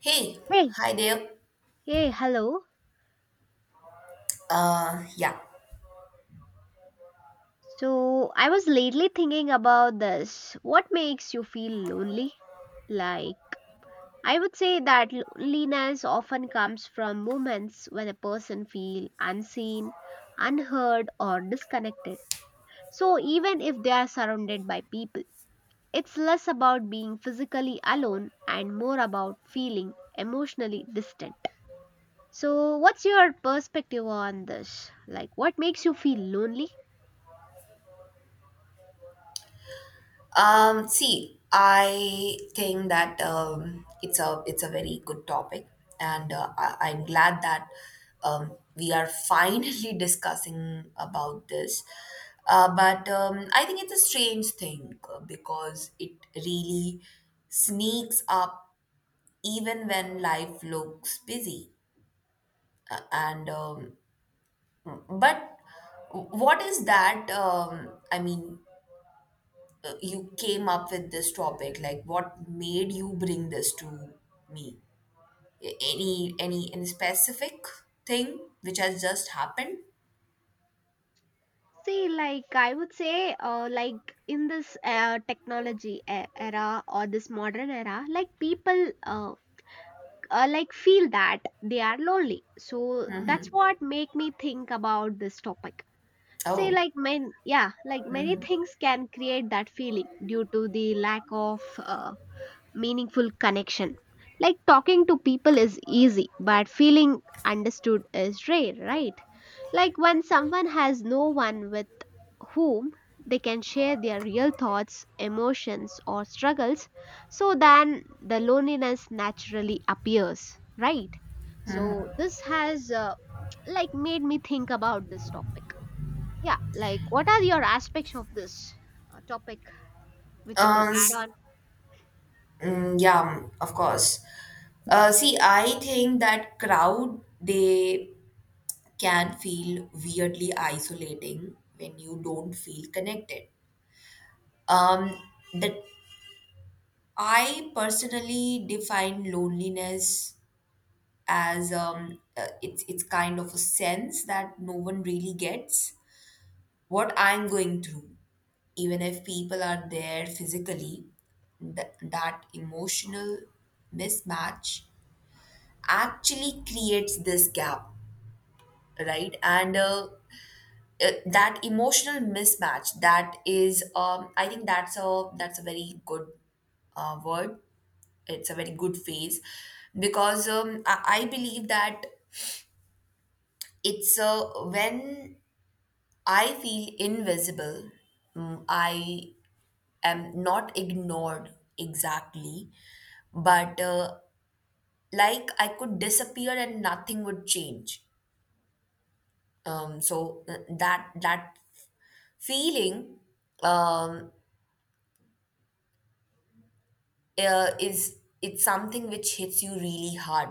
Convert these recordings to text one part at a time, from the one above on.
Hey, Hey, hi there. hey, hello. Uh, yeah. So, I was lately thinking about this. What makes you feel lonely? Like, I would say that loneliness often comes from moments when a person feels unseen, unheard, or disconnected. So, even if they are surrounded by people, it's less about being physically alone and more about feeling emotionally distant. So, what's your perspective on this? Like, what makes you feel lonely? See, I think that it's a very good topic, and I'm glad that we are finally discussing about this. But I think it's a strange thing because it really sneaks up even when life looks busy. And but what is that? I mean, you came up with this topic. Like, what made you bring this to me? Any specific thing which has just happened? See, like I would say, like in this technology era or this modern era, like people like feel that they are lonely. So that's what make me think about this topic. Say, Oh. like men, yeah, like many things can create that feeling due to the lack of meaningful connection. Like talking to people is easy, but feeling understood is rare, right? Like when someone has no one with whom they can share their real thoughts, emotions, or struggles, so then the loneliness naturally appears, right? So this has like made me think about this topic. Yeah, like what are your aspects of this topic which you could uh, add s- on? Yeah of course. See, I think that crowd, they can feel weirdly isolating when you don't feel connected. Um that I personally define loneliness as, it's kind of a sense that no one really gets what I'm going through. Even if people are there physically, that emotional mismatch actually creates this gap, right? And That emotional mismatch, that is, I think that's a very good word. It's a very good phrase because I believe that it's, when I feel invisible. Mm, I am not ignored exactly, but, like, I could disappear and nothing would change. That feeling um, is it's something which hits you really hard,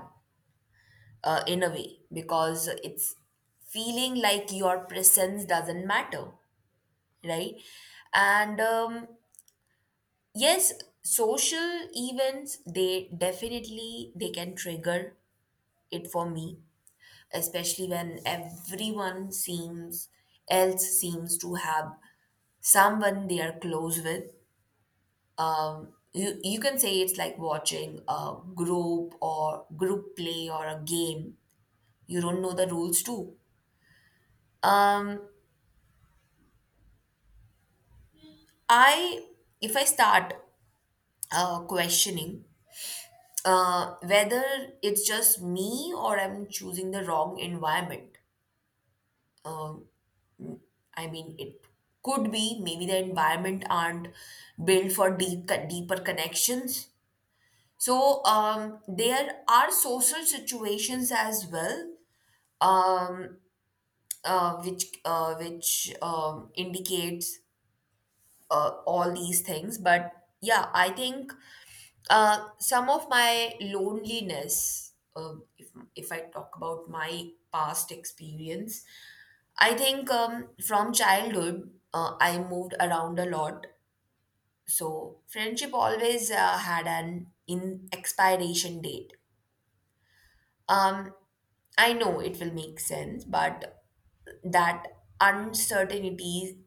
in a way, because it's feeling like your presence doesn't matter, right? And Yes, social events, they definitely they can trigger it for me, especially when everyone seems else seems to have someone they are close with. You, can say it's like watching a group play or a game you don't know the rules too um I if I start questioning whether it's just me or I'm choosing the wrong environment. I mean, it could be, maybe the environment aren't built for deep, deeper connections. So there are social situations as well, um, which indicates all these things. But yeah, I think some of my loneliness, if, I talk about my past experience, I think, from childhood, I moved around a lot. So friendship always had an in expiration date. Um, I know it will make sense, but that uncertainty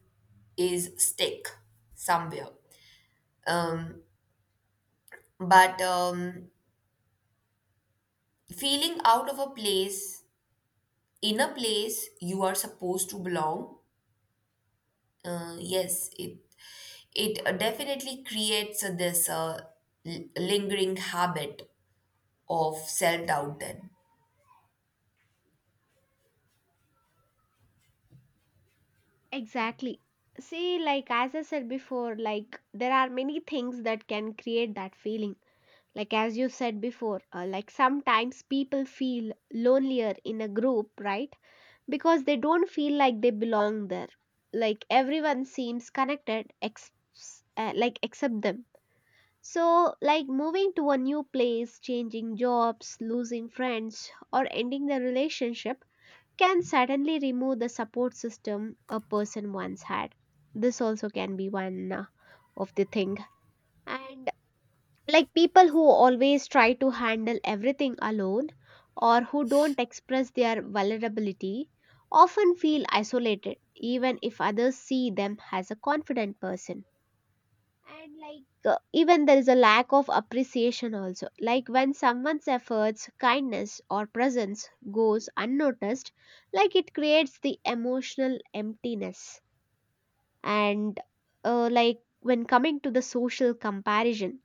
is stick somewhere. Um, but Feeling out of a place in a place you are supposed to belong, yes, it definitely creates this lingering habit of self doubt then. Exactly. See, like as I said before, like there are many things that can create that feeling. Like as you said before, like sometimes people feel lonelier in a group, right? Because they don't feel like they belong there. Like everyone seems connected, like except them. So, like moving to a new place, changing jobs, losing friends, or ending the relationship can suddenly remove the support system a person once had. This also can be one of the thing. And like people who always try to handle everything alone or who don't express their vulnerability often feel isolated even if others see them as a confident person. And like even there is a lack of appreciation also, like when someone's efforts, kindness, or presence goes unnoticed, like it creates the emotional emptiness. And like when coming to the social comparison,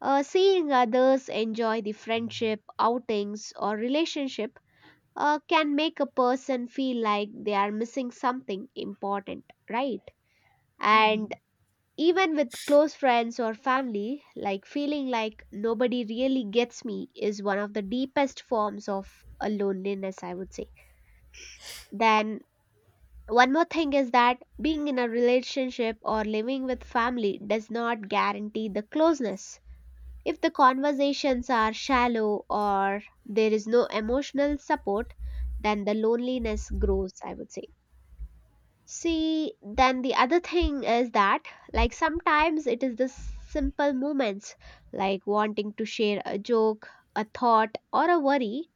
seeing others enjoy the friendship outings or relationship, can make a person feel like they are missing something important, right? And even with close friends or family, like feeling like nobody really gets me is one of the deepest forms of a loneliness, I would say. Then, one more thing is that being in a relationship or living with family does not guarantee the closeness. If the conversations are shallow or there is no emotional support, then the loneliness grows, I would say. See, then the other thing is that, like, sometimes it is the simple moments, like wanting to share a joke, a thought, or a worry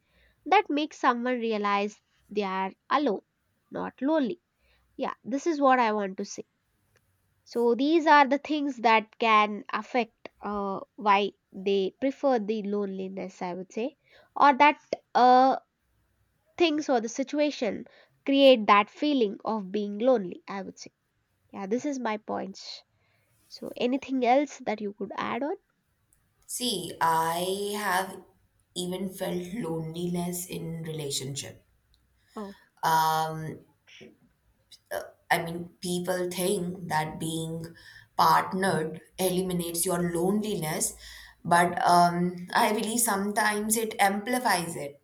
that makes someone realize they are alone, not lonely. Yeah, this is what I want to say. So, these are the things that can affect why they prefer the loneliness, I would say, or that uh, things or the situation create that feeling of being lonely, I would say. Yeah, this is my points. So anything else that you could add on? See, I have even felt loneliness in relationship. Oh, Um i mean, people think that being partnered eliminates your loneliness, but I believe sometimes it amplifies it.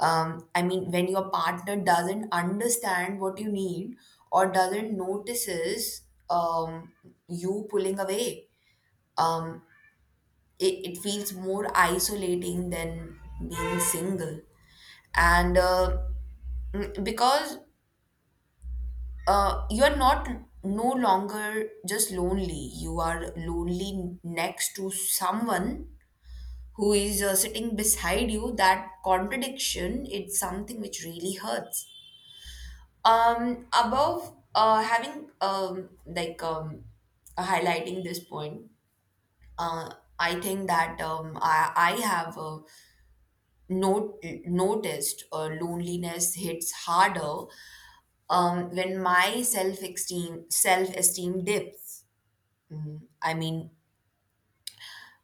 I mean, when your partner doesn't understand what you need or doesn't notices um, you pulling away, um, it feels more isolating than being single. And uh, because you are not no longer just lonely, you are lonely next to someone who is, sitting beside you. That contradiction, it's something which really hurts. Above having, highlighting this point, uh, I think that I have not, noticed loneliness hits harder when my self esteem dips. Mm, I mean,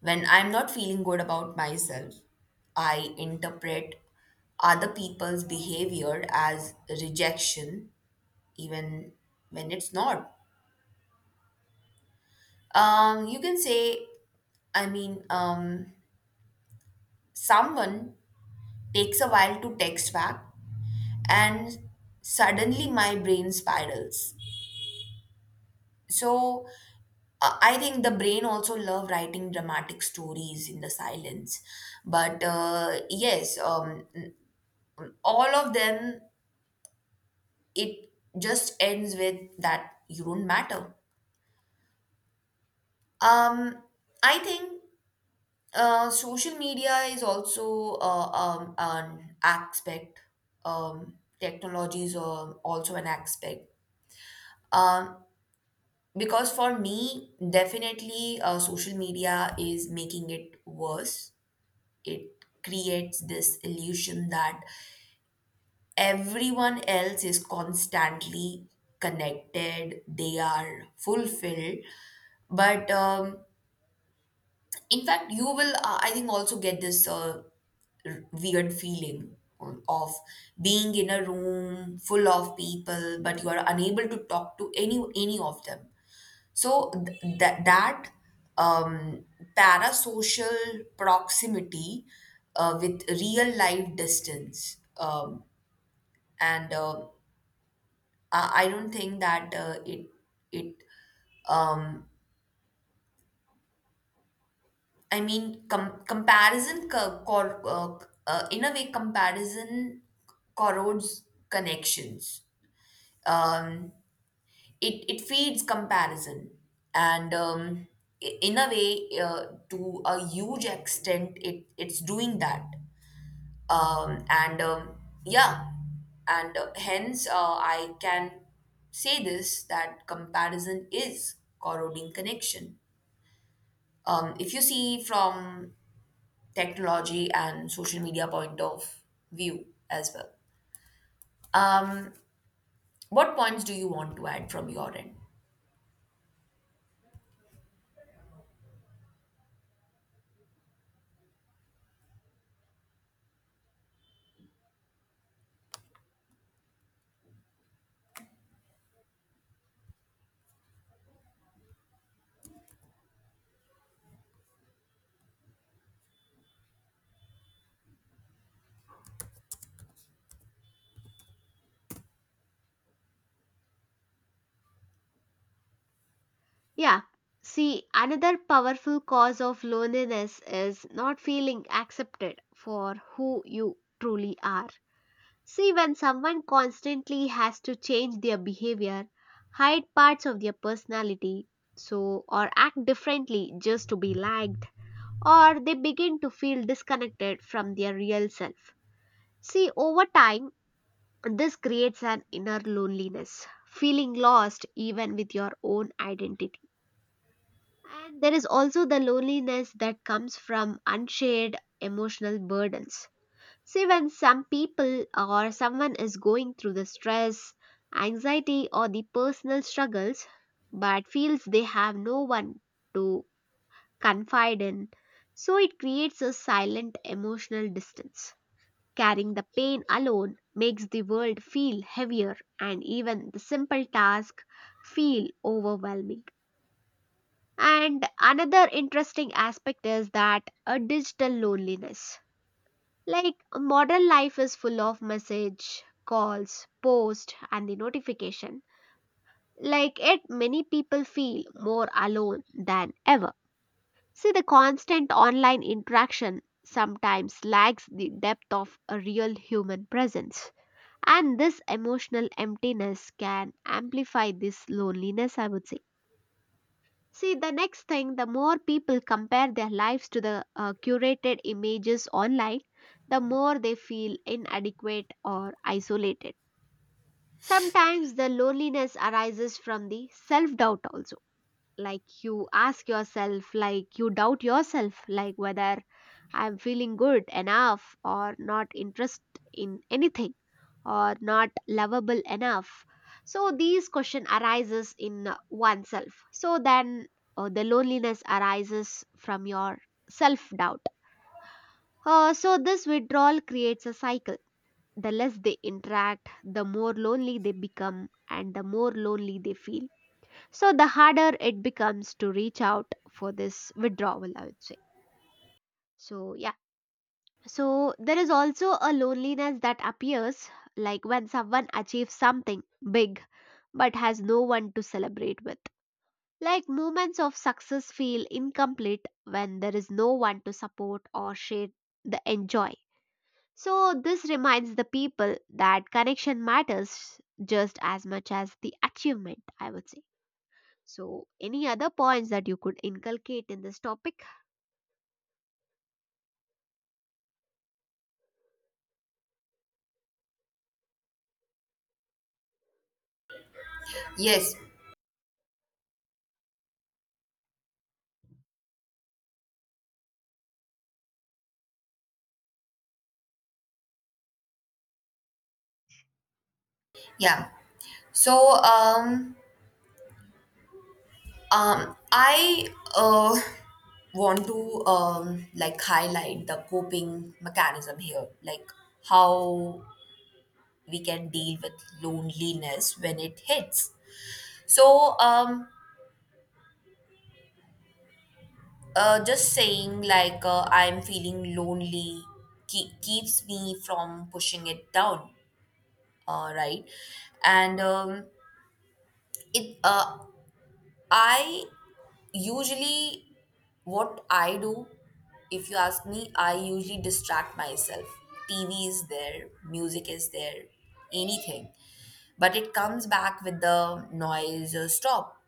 when I'm not feeling good about myself, I interpret other people's behavior as rejection, even when it's not. You can say, I mean, someone takes a while to text back, and suddenly my brain spirals. So, I think the brain also love writing dramatic stories in the silence. But yes, all of them, it just ends with that you don't matter. Um, I think social media is also, an aspect. Technology is also an aspect. Um, because for me, definitely, social media is making it worse. It creates this illusion that everyone else is constantly connected, they are fulfilled, but in fact you will, I think, also get this weird feeling of being in a room full of people but you are unable to talk to any of them. So that um, parasocial proximity with real life distance, and uh, I don't think that it it um, I mean, comparison, in a way, comparison corrodes connections. Um, it feeds comparison. And in a way, to a huge extent, it's doing that. And yeah, and Hence, I can say this, that comparison is corroding connection, if you see from technology and social media point of view as well. Um, what points do you want to add from your end? yeah. See, another powerful cause of loneliness is not feeling accepted for who you truly are. See, when someone constantly has to change their behavior, hide parts of their personality, so or act differently just to be liked, or they begin to feel disconnected from their real self. See, over time, this creates an inner loneliness, feeling lost even with your own identity. And there is also the loneliness that comes from unshared emotional burdens. See, when some people or someone is going through the stress, anxiety, or the personal struggles, but feels they have no one to confide in, so it creates a silent emotional distance. Carrying the pain alone makes the world feel heavier and even the simple tasks feel overwhelming. And another interesting aspect is that a digital loneliness. Like modern life is full of message, calls, post and the notification. Like it many people feel more alone than ever. See the constant online interaction sometimes lacks the depth of a real human presence. And this emotional emptiness can amplify this loneliness, I would say. See, the next thing, the more people compare their lives to the curated images online, the more they feel inadequate or isolated. Sometimes the loneliness arises from the self doubt also. Like you ask yourself, like you doubt yourself, like whether I'm feeling good enough or not interested in anything or not lovable enough. So these question arises in oneself. So then the loneliness arises from your self-doubt. So this withdrawal creates a cycle. The less they interact, the more lonely they become and the more lonely they feel. So the harder it becomes to reach out for this withdrawal, I would say. So yeah. So, there is also a loneliness that appears like when someone achieves something big but has no one to celebrate with. Like moments of success feel incomplete when there is no one to support or share the enjoy. So, this reminds the people that connection matters just as much as the achievement, I would say. So, any other points that you could inculcate in this topic? Yes, yeah. So I uh, want to, like, highlight the coping mechanism here, like how we can deal with loneliness when it hits. So, just saying like, I'm feeling lonely keeps me from pushing it down, right? And um, it uh, i usually, what I do, if you ask me, I usually distract myself. TV is there, music is there, anything, but it comes back with the noise, stop,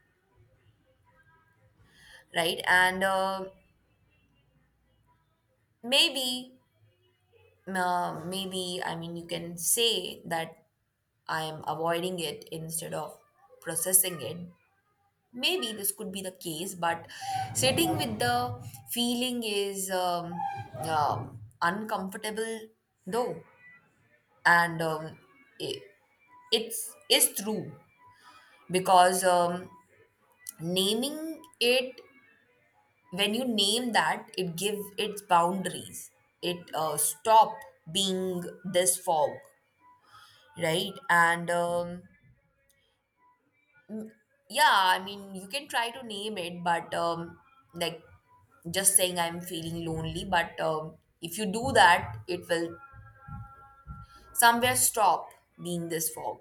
right? And maybe maybe, I mean, you can say that I am avoiding it instead of processing it. Maybe this could be the case, but sitting with the feeling is, uh, uncomfortable though. And it, it's is true because, naming it, when you name that, it give its boundaries. It stop being this fog, right? And, yeah, I mean, you can try to name it, but like, just saying I'm feeling lonely, but, if you do that, it will somewhere stop being this fog.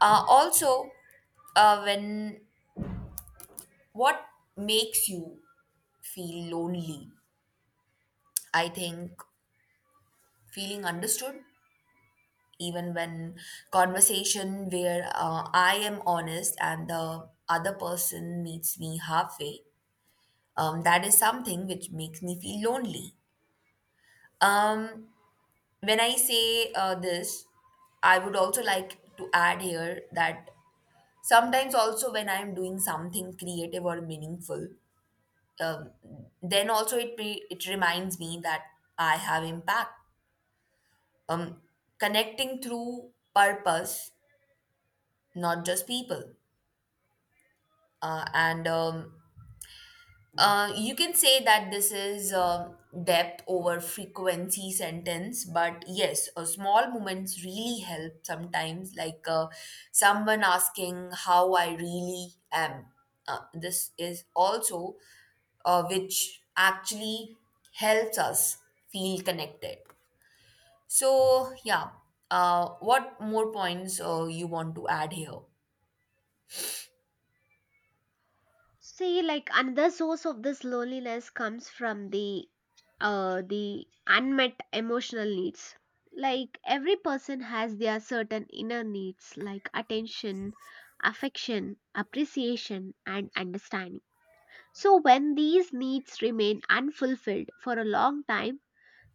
Also, when what makes you feel lonely, I think feeling understood, even when conversation where, I am honest and the other person meets me halfway, that is something which makes me feel lonely. Um, when I say this, I would also like to add here that sometimes also when I'm doing something creative or meaningful, um, then also it reminds me that I have impact. Um, Connecting through purpose, not just people, and you can say that this is a depth over frequency sentence, but yes, small moments really help sometimes, like, someone asking how I really am. This is also which actually helps us feel connected. So, yeah, what more points you want to add here? See, like another source of this loneliness comes from the unmet emotional needs. Like every person has their certain inner needs, like attention, affection, appreciation, and understanding. So when these needs remain unfulfilled for a long time,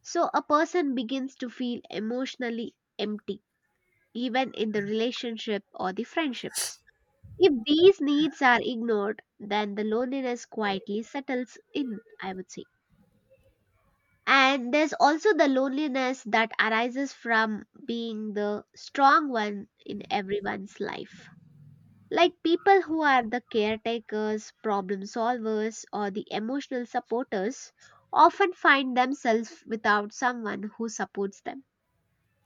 so a person begins to feel emotionally empty, even in the relationship or the friendships. If these needs are ignored, then the loneliness quietly settles in, I would say. And there's also the loneliness that arises from being the strong one in everyone's life. Like people who are the caretakers, problem solvers, or the emotional supporters often find themselves without someone who supports them.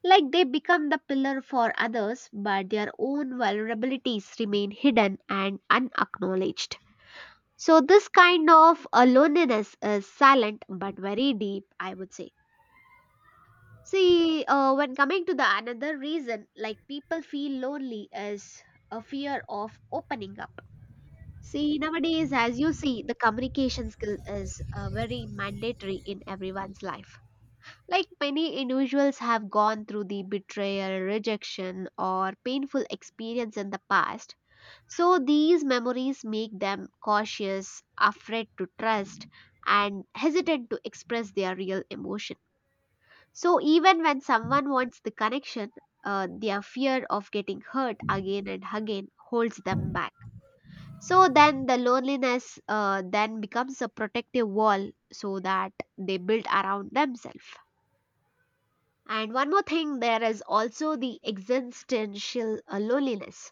Like they become the pillar for others, but their own vulnerabilities remain hidden and unacknowledged. So this kind of loneliness is silent but very deep, I would say. See, when coming to the another reason, like people feel lonely is a fear of opening up. See, nowadays, as you see, the communication skill is very mandatory in everyone's life. Like many individuals have gone through the betrayal, rejection, or painful experience in the past, so these memories make them cautious, afraid to trust, and hesitant to express their real emotion. So even when someone wants the connection, their fear of getting hurt again and again holds them back. So then the loneliness then becomes a protective wall so that they build around themselves. And one more thing, there is also the existential loneliness.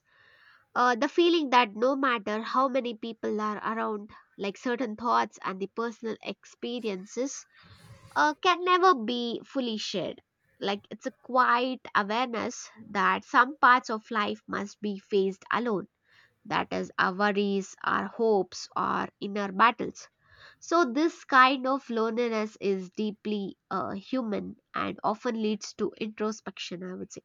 The feeling that no matter how many people are around, like certain thoughts and the personal experiences, can never be fully shared. Like it's a quiet awareness that some parts of life must be faced alone. That is, our worries, our hopes, our inner battles. So, this kind of loneliness is deeply human and often leads to introspection, I would say.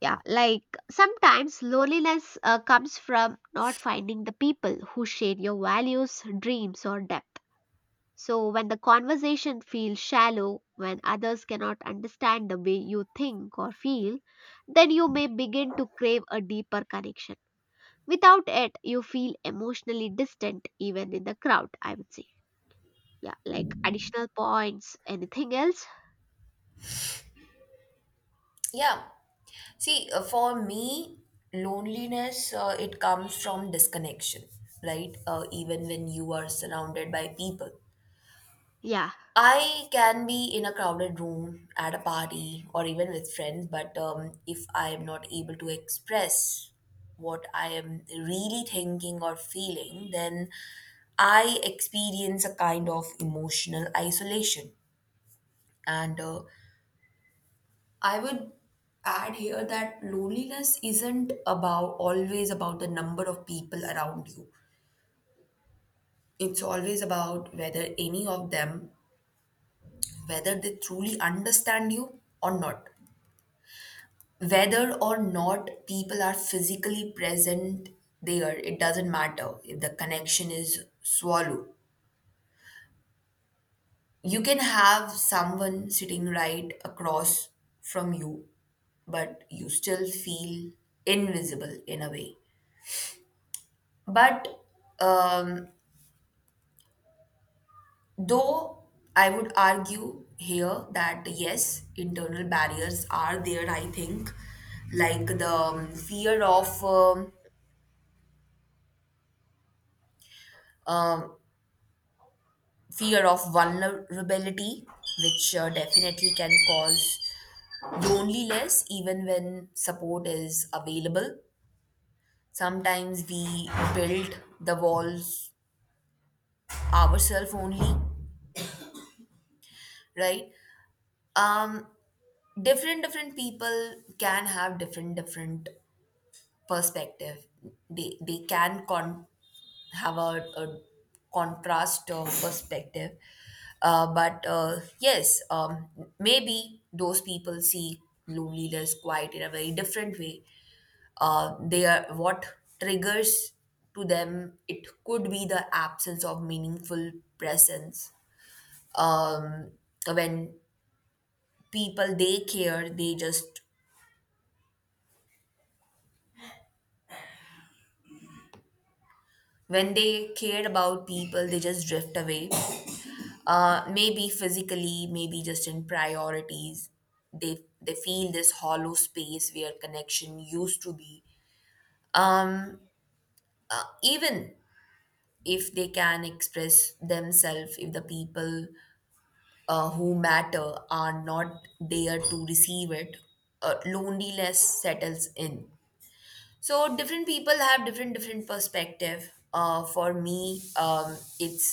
Yeah, like sometimes loneliness comes from not finding the people who share your values, dreams, or depth. So, when the conversation feels shallow, when others cannot understand the way you think or feel, then you may begin to crave a deeper connection. Without it, you feel emotionally distant even in the crowd, I would say. Yeah, like additional points, anything else? Yeah. See, for me, loneliness, it comes from disconnection, right? Even when you are surrounded by people. Yeah. I can be in a crowded room at a party or even with friends, but, if I am not able to express what I am really thinking or feeling, then I experience a kind of emotional isolation. And, I would add here that loneliness isn't about always about the number of people around you. It's always about whether any of them, whether they truly understand you or not. Whether or not people are physically present there, it doesn't matter if the connection is swallowed. You can have someone sitting right across from you, but you still feel invisible in a way. But um, though I would argue here that yes, internal barriers are there, I think, like the, um, fear of vulnerability, which definitely can cause loneliness even when support is available. Sometimes we build the walls ourselves only, right? Um, Different different people can have different different perspective. they they can con- have a contrast of perspective. But Yes, maybe those people see loneliness quite in a very different way. They are, what triggers to them, it could be the absence of meaningful presence. um, when people they care they just when they cared about people, they just drift away, maybe physically, maybe just in priorities. They feel this hollow space where connection used to be. um, Even if they can express themselves, if the people who matter are not there to receive it, loneliness settles in. So different people have different different perspective. For me, it's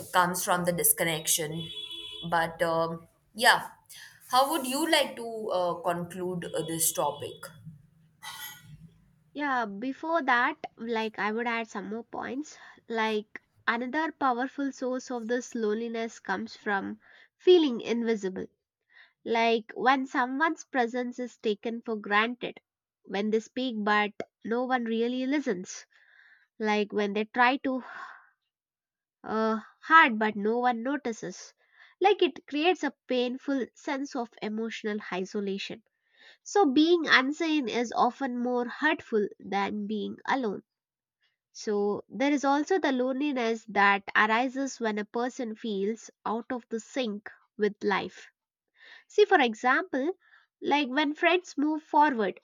comes from the disconnection. But Yeah, how would you like to conclude this topic? Yeah, before that, like I would add some more points. Like another powerful source of this loneliness comes from feeling invisible. Like when someone's presence is taken for granted, when they speak but no one really listens, like when they try to hard but no one notices. Like it creates a painful sense of emotional isolation. So being unseen is often more hurtful than being alone. So, there is also the loneliness that arises when a person feels out of the sync with life. See, for example, like when friends move forward,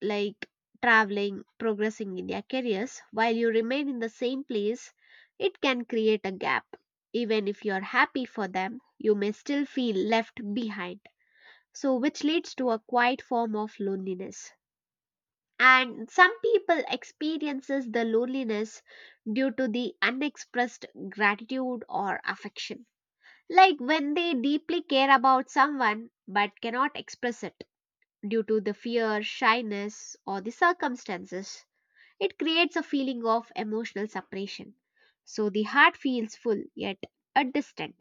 like traveling, progressing in their careers, while you remain in the same place, it can create a gap. Even if you're happy for them, you may still feel left behind. So, which leads to a quiet form of loneliness. And some people experiences the loneliness due to the unexpressed gratitude or affection, like when they deeply care about someone but cannot express it due to the fear, shyness, or the circumstances, it creates a feeling of emotional separation. So the heart feels full yet a distant.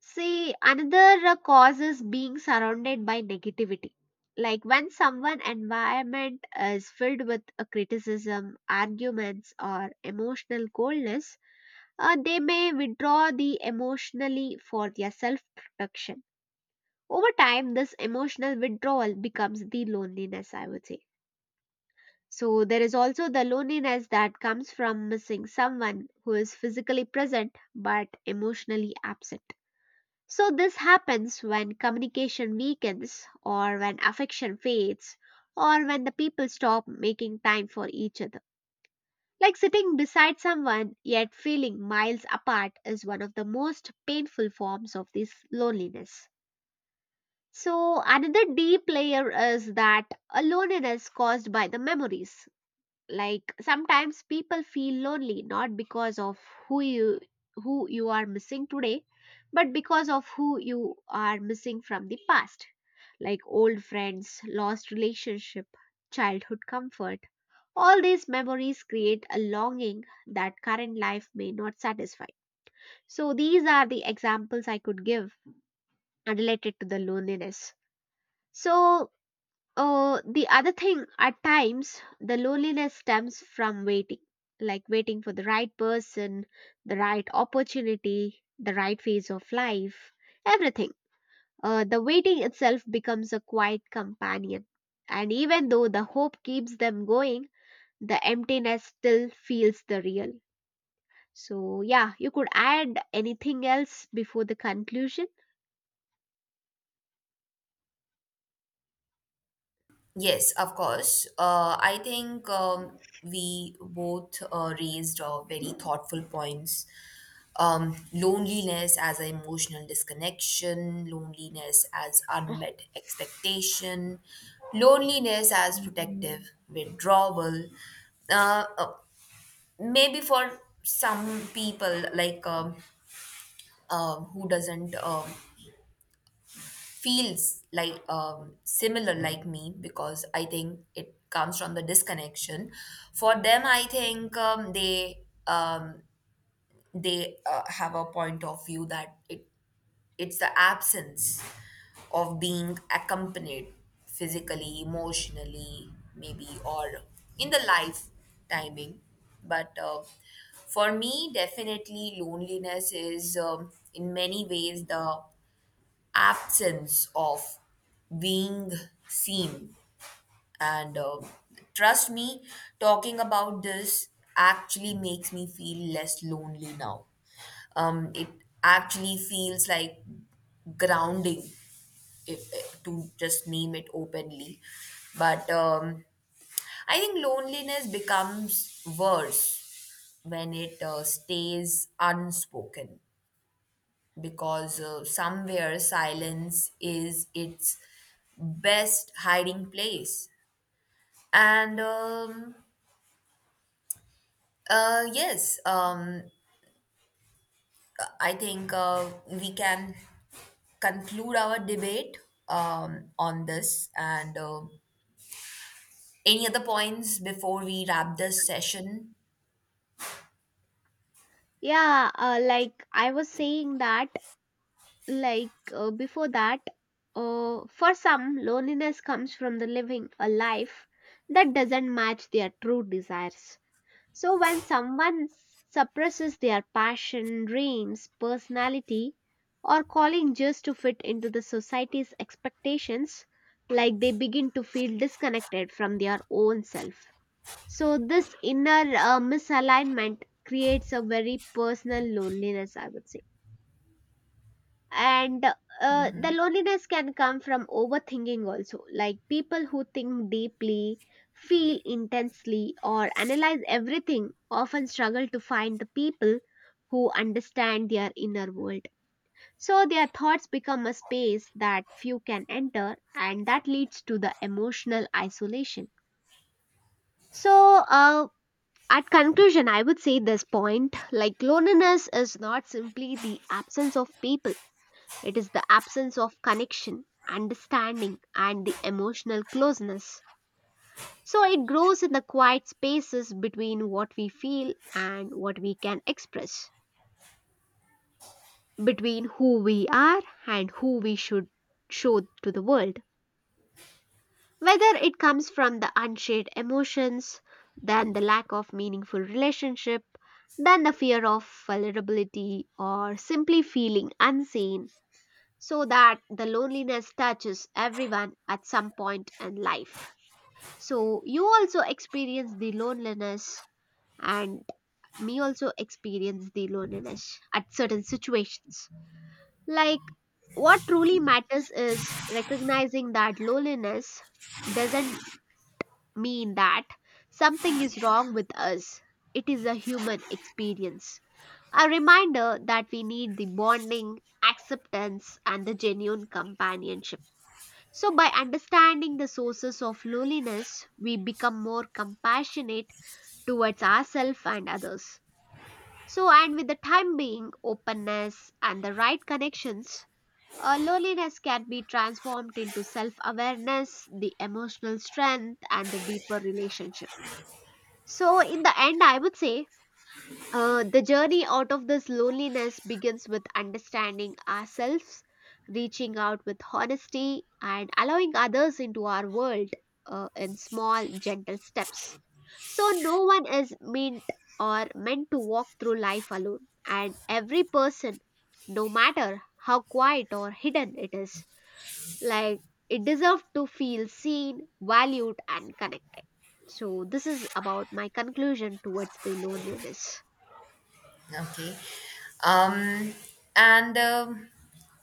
See, another cause is being surrounded by negativity. Like when someone environment is filled with criticism, arguments, or emotional coldness, they may withdraw the emotionally for their self protection. Over time, this emotional withdrawal becomes the loneliness, I would say. So, there is also the loneliness that comes from missing someone who is physically present but emotionally absent. So, this happens when communication weakens, or when affection fades, or when the people stop making time for each other. Like sitting beside someone yet feeling miles apart is one of the most painful forms of this loneliness. So, another deep layer is that a loneliness caused by the memories, like sometimes people feel lonely not because of who you who you are missing today, but because of who you are missing from the past, like old friends, lost relationship, childhood comfort. All these memories create a longing that current life may not satisfy. So these are the examples I could give related to the loneliness. so the other thing, at times, the loneliness stems from waiting, like waiting for the right person, the right opportunity, the right phase of life, everything. The waiting itself becomes a quiet companion. And even though the hope keeps them going, the emptiness still feels the real. So, yeah, you could add anything else before the conclusion. Yes, of course. I think, we both raised very thoughtful points. Loneliness as an emotional disconnection, loneliness as unmet expectation, loneliness as protective withdrawal. Uh, uh, Maybe for some people, like, who doesn't. Feels like, similar like me, because I think it comes from the disconnection. For them, I think, they have a point of view that it's the absence of being accompanied physically, emotionally, maybe, or in the life timing. But, for me, definitely, loneliness is, in many ways, the absence of being seen. And, trust me, talking about this actually makes me feel less lonely now. It actually feels like grounding, if, to just name it openly. But, I think loneliness becomes worse when it stays unspoken because, somewhere, silence is its best hiding place. And Yes, I think we can conclude our debate on this. And, any other points before we wrap this session? Yeah, like I was saying that, like before that, for some, loneliness comes from the living a life that doesn't match their true desires. So when someone suppresses their passion, dreams, personality, or calling just to fit into the society's expectations, like they begin to feel disconnected from their own self. So this inner misalignment creates a very personal loneliness, I would say. And the loneliness can come from overthinking also, like people who think deeply, feel intensely, or analyze everything often struggle to find the people who understand their inner world. So their thoughts become a space that few can enter, and that leads to the emotional isolation. so uh, at conclusion, I would say this point, like loneliness is not simply the absence of people. It is the absence of connection, understanding, and the emotional closeness. So it grows in the quiet spaces between what we feel and what we can express, between who we are and who we should show to the world. Whether it comes from the unshared emotions, than the lack of meaningful relationship, than the fear of vulnerability, or simply feeling unseen, so that the loneliness touches everyone at some point in life. So you also experience the loneliness, and me also experience the loneliness at certain situations. Like what truly matters is recognizing that loneliness doesn't mean that something is wrong with us. It is a human experience. A reminder that we need the bonding, acceptance, and the genuine companionship. So, by understanding the sources of loneliness, we become more compassionate towards ourselves and others. So, and with the time being, openness and the right connections, loneliness can be transformed into self awareness, the emotional strength, and the deeper relationship. So, in the end, I would say the journey out of this loneliness begins with understanding ourselves, reaching out with honesty, and allowing others into our world in small, gentle steps. So, no one is meant or meant to walk through life alone, and every person, no matter how quiet or hidden it is, like it deserves to feel seen, valued, and connected. So, this is about my conclusion towards the loneliness. Okay. Um, and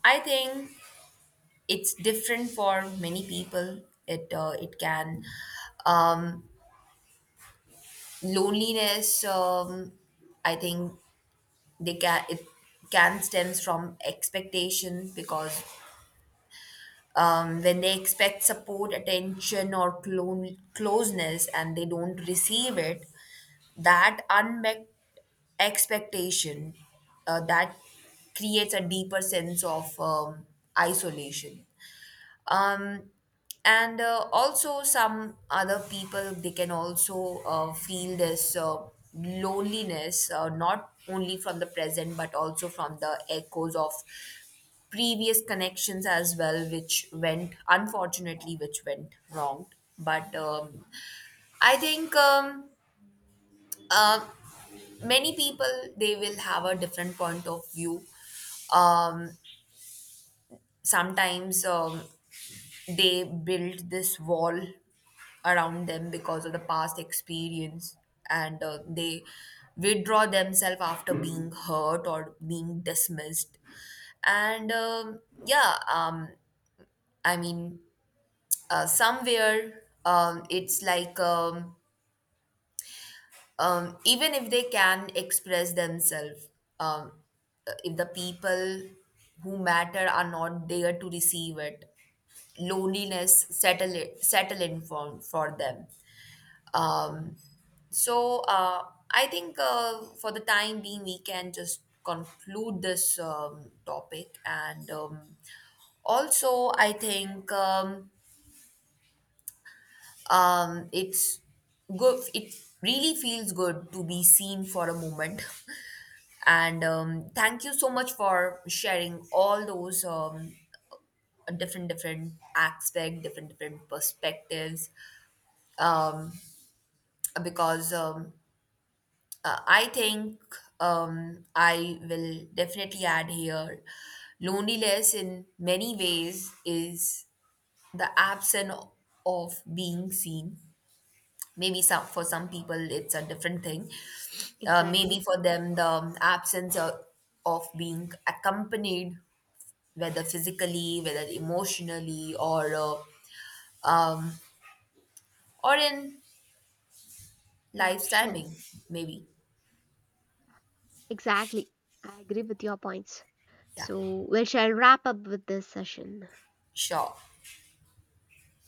I think it's different for many people. It it can um, loneliness I think they can it can stems from expectation because, when they expect support, attention, or closeness, and they don't receive it, that unmet expectation, that creates a deeper sense of, isolation. um, and, also, some other people, they can also feel this loneliness, not only from the present, but also from the echoes of previous connections as well, which went, unfortunately, which went wrong. But I think, uh, many people, they will have a different point of view. um, Sometimes, they build this wall around them because of the past experience, and they withdraw themselves after being hurt or being dismissed. And, I mean, somewhere it's like even if they can express themselves, um, if the people who matter are not there to receive it, loneliness settle in for, them. Um, so uh, I think, for the time being, we can just conclude this, topic. And, also, I think, it's good. It really feels good to be seen for a moment. And, thank you so much for sharing all those, different different aspect, different different perspectives. Um, because I think, I will definitely add here, loneliness, in many ways, is the absence of being seen. Maybe some for some people it's a different thing. Maybe Exactly. for them, the, absence of, being accompanied, whether physically, whether emotionally, or, um, or in Yeah, life's sure. timing. Maybe. Exactly. I agree with your points. Yeah, So, we shall wrap up with this session. sure.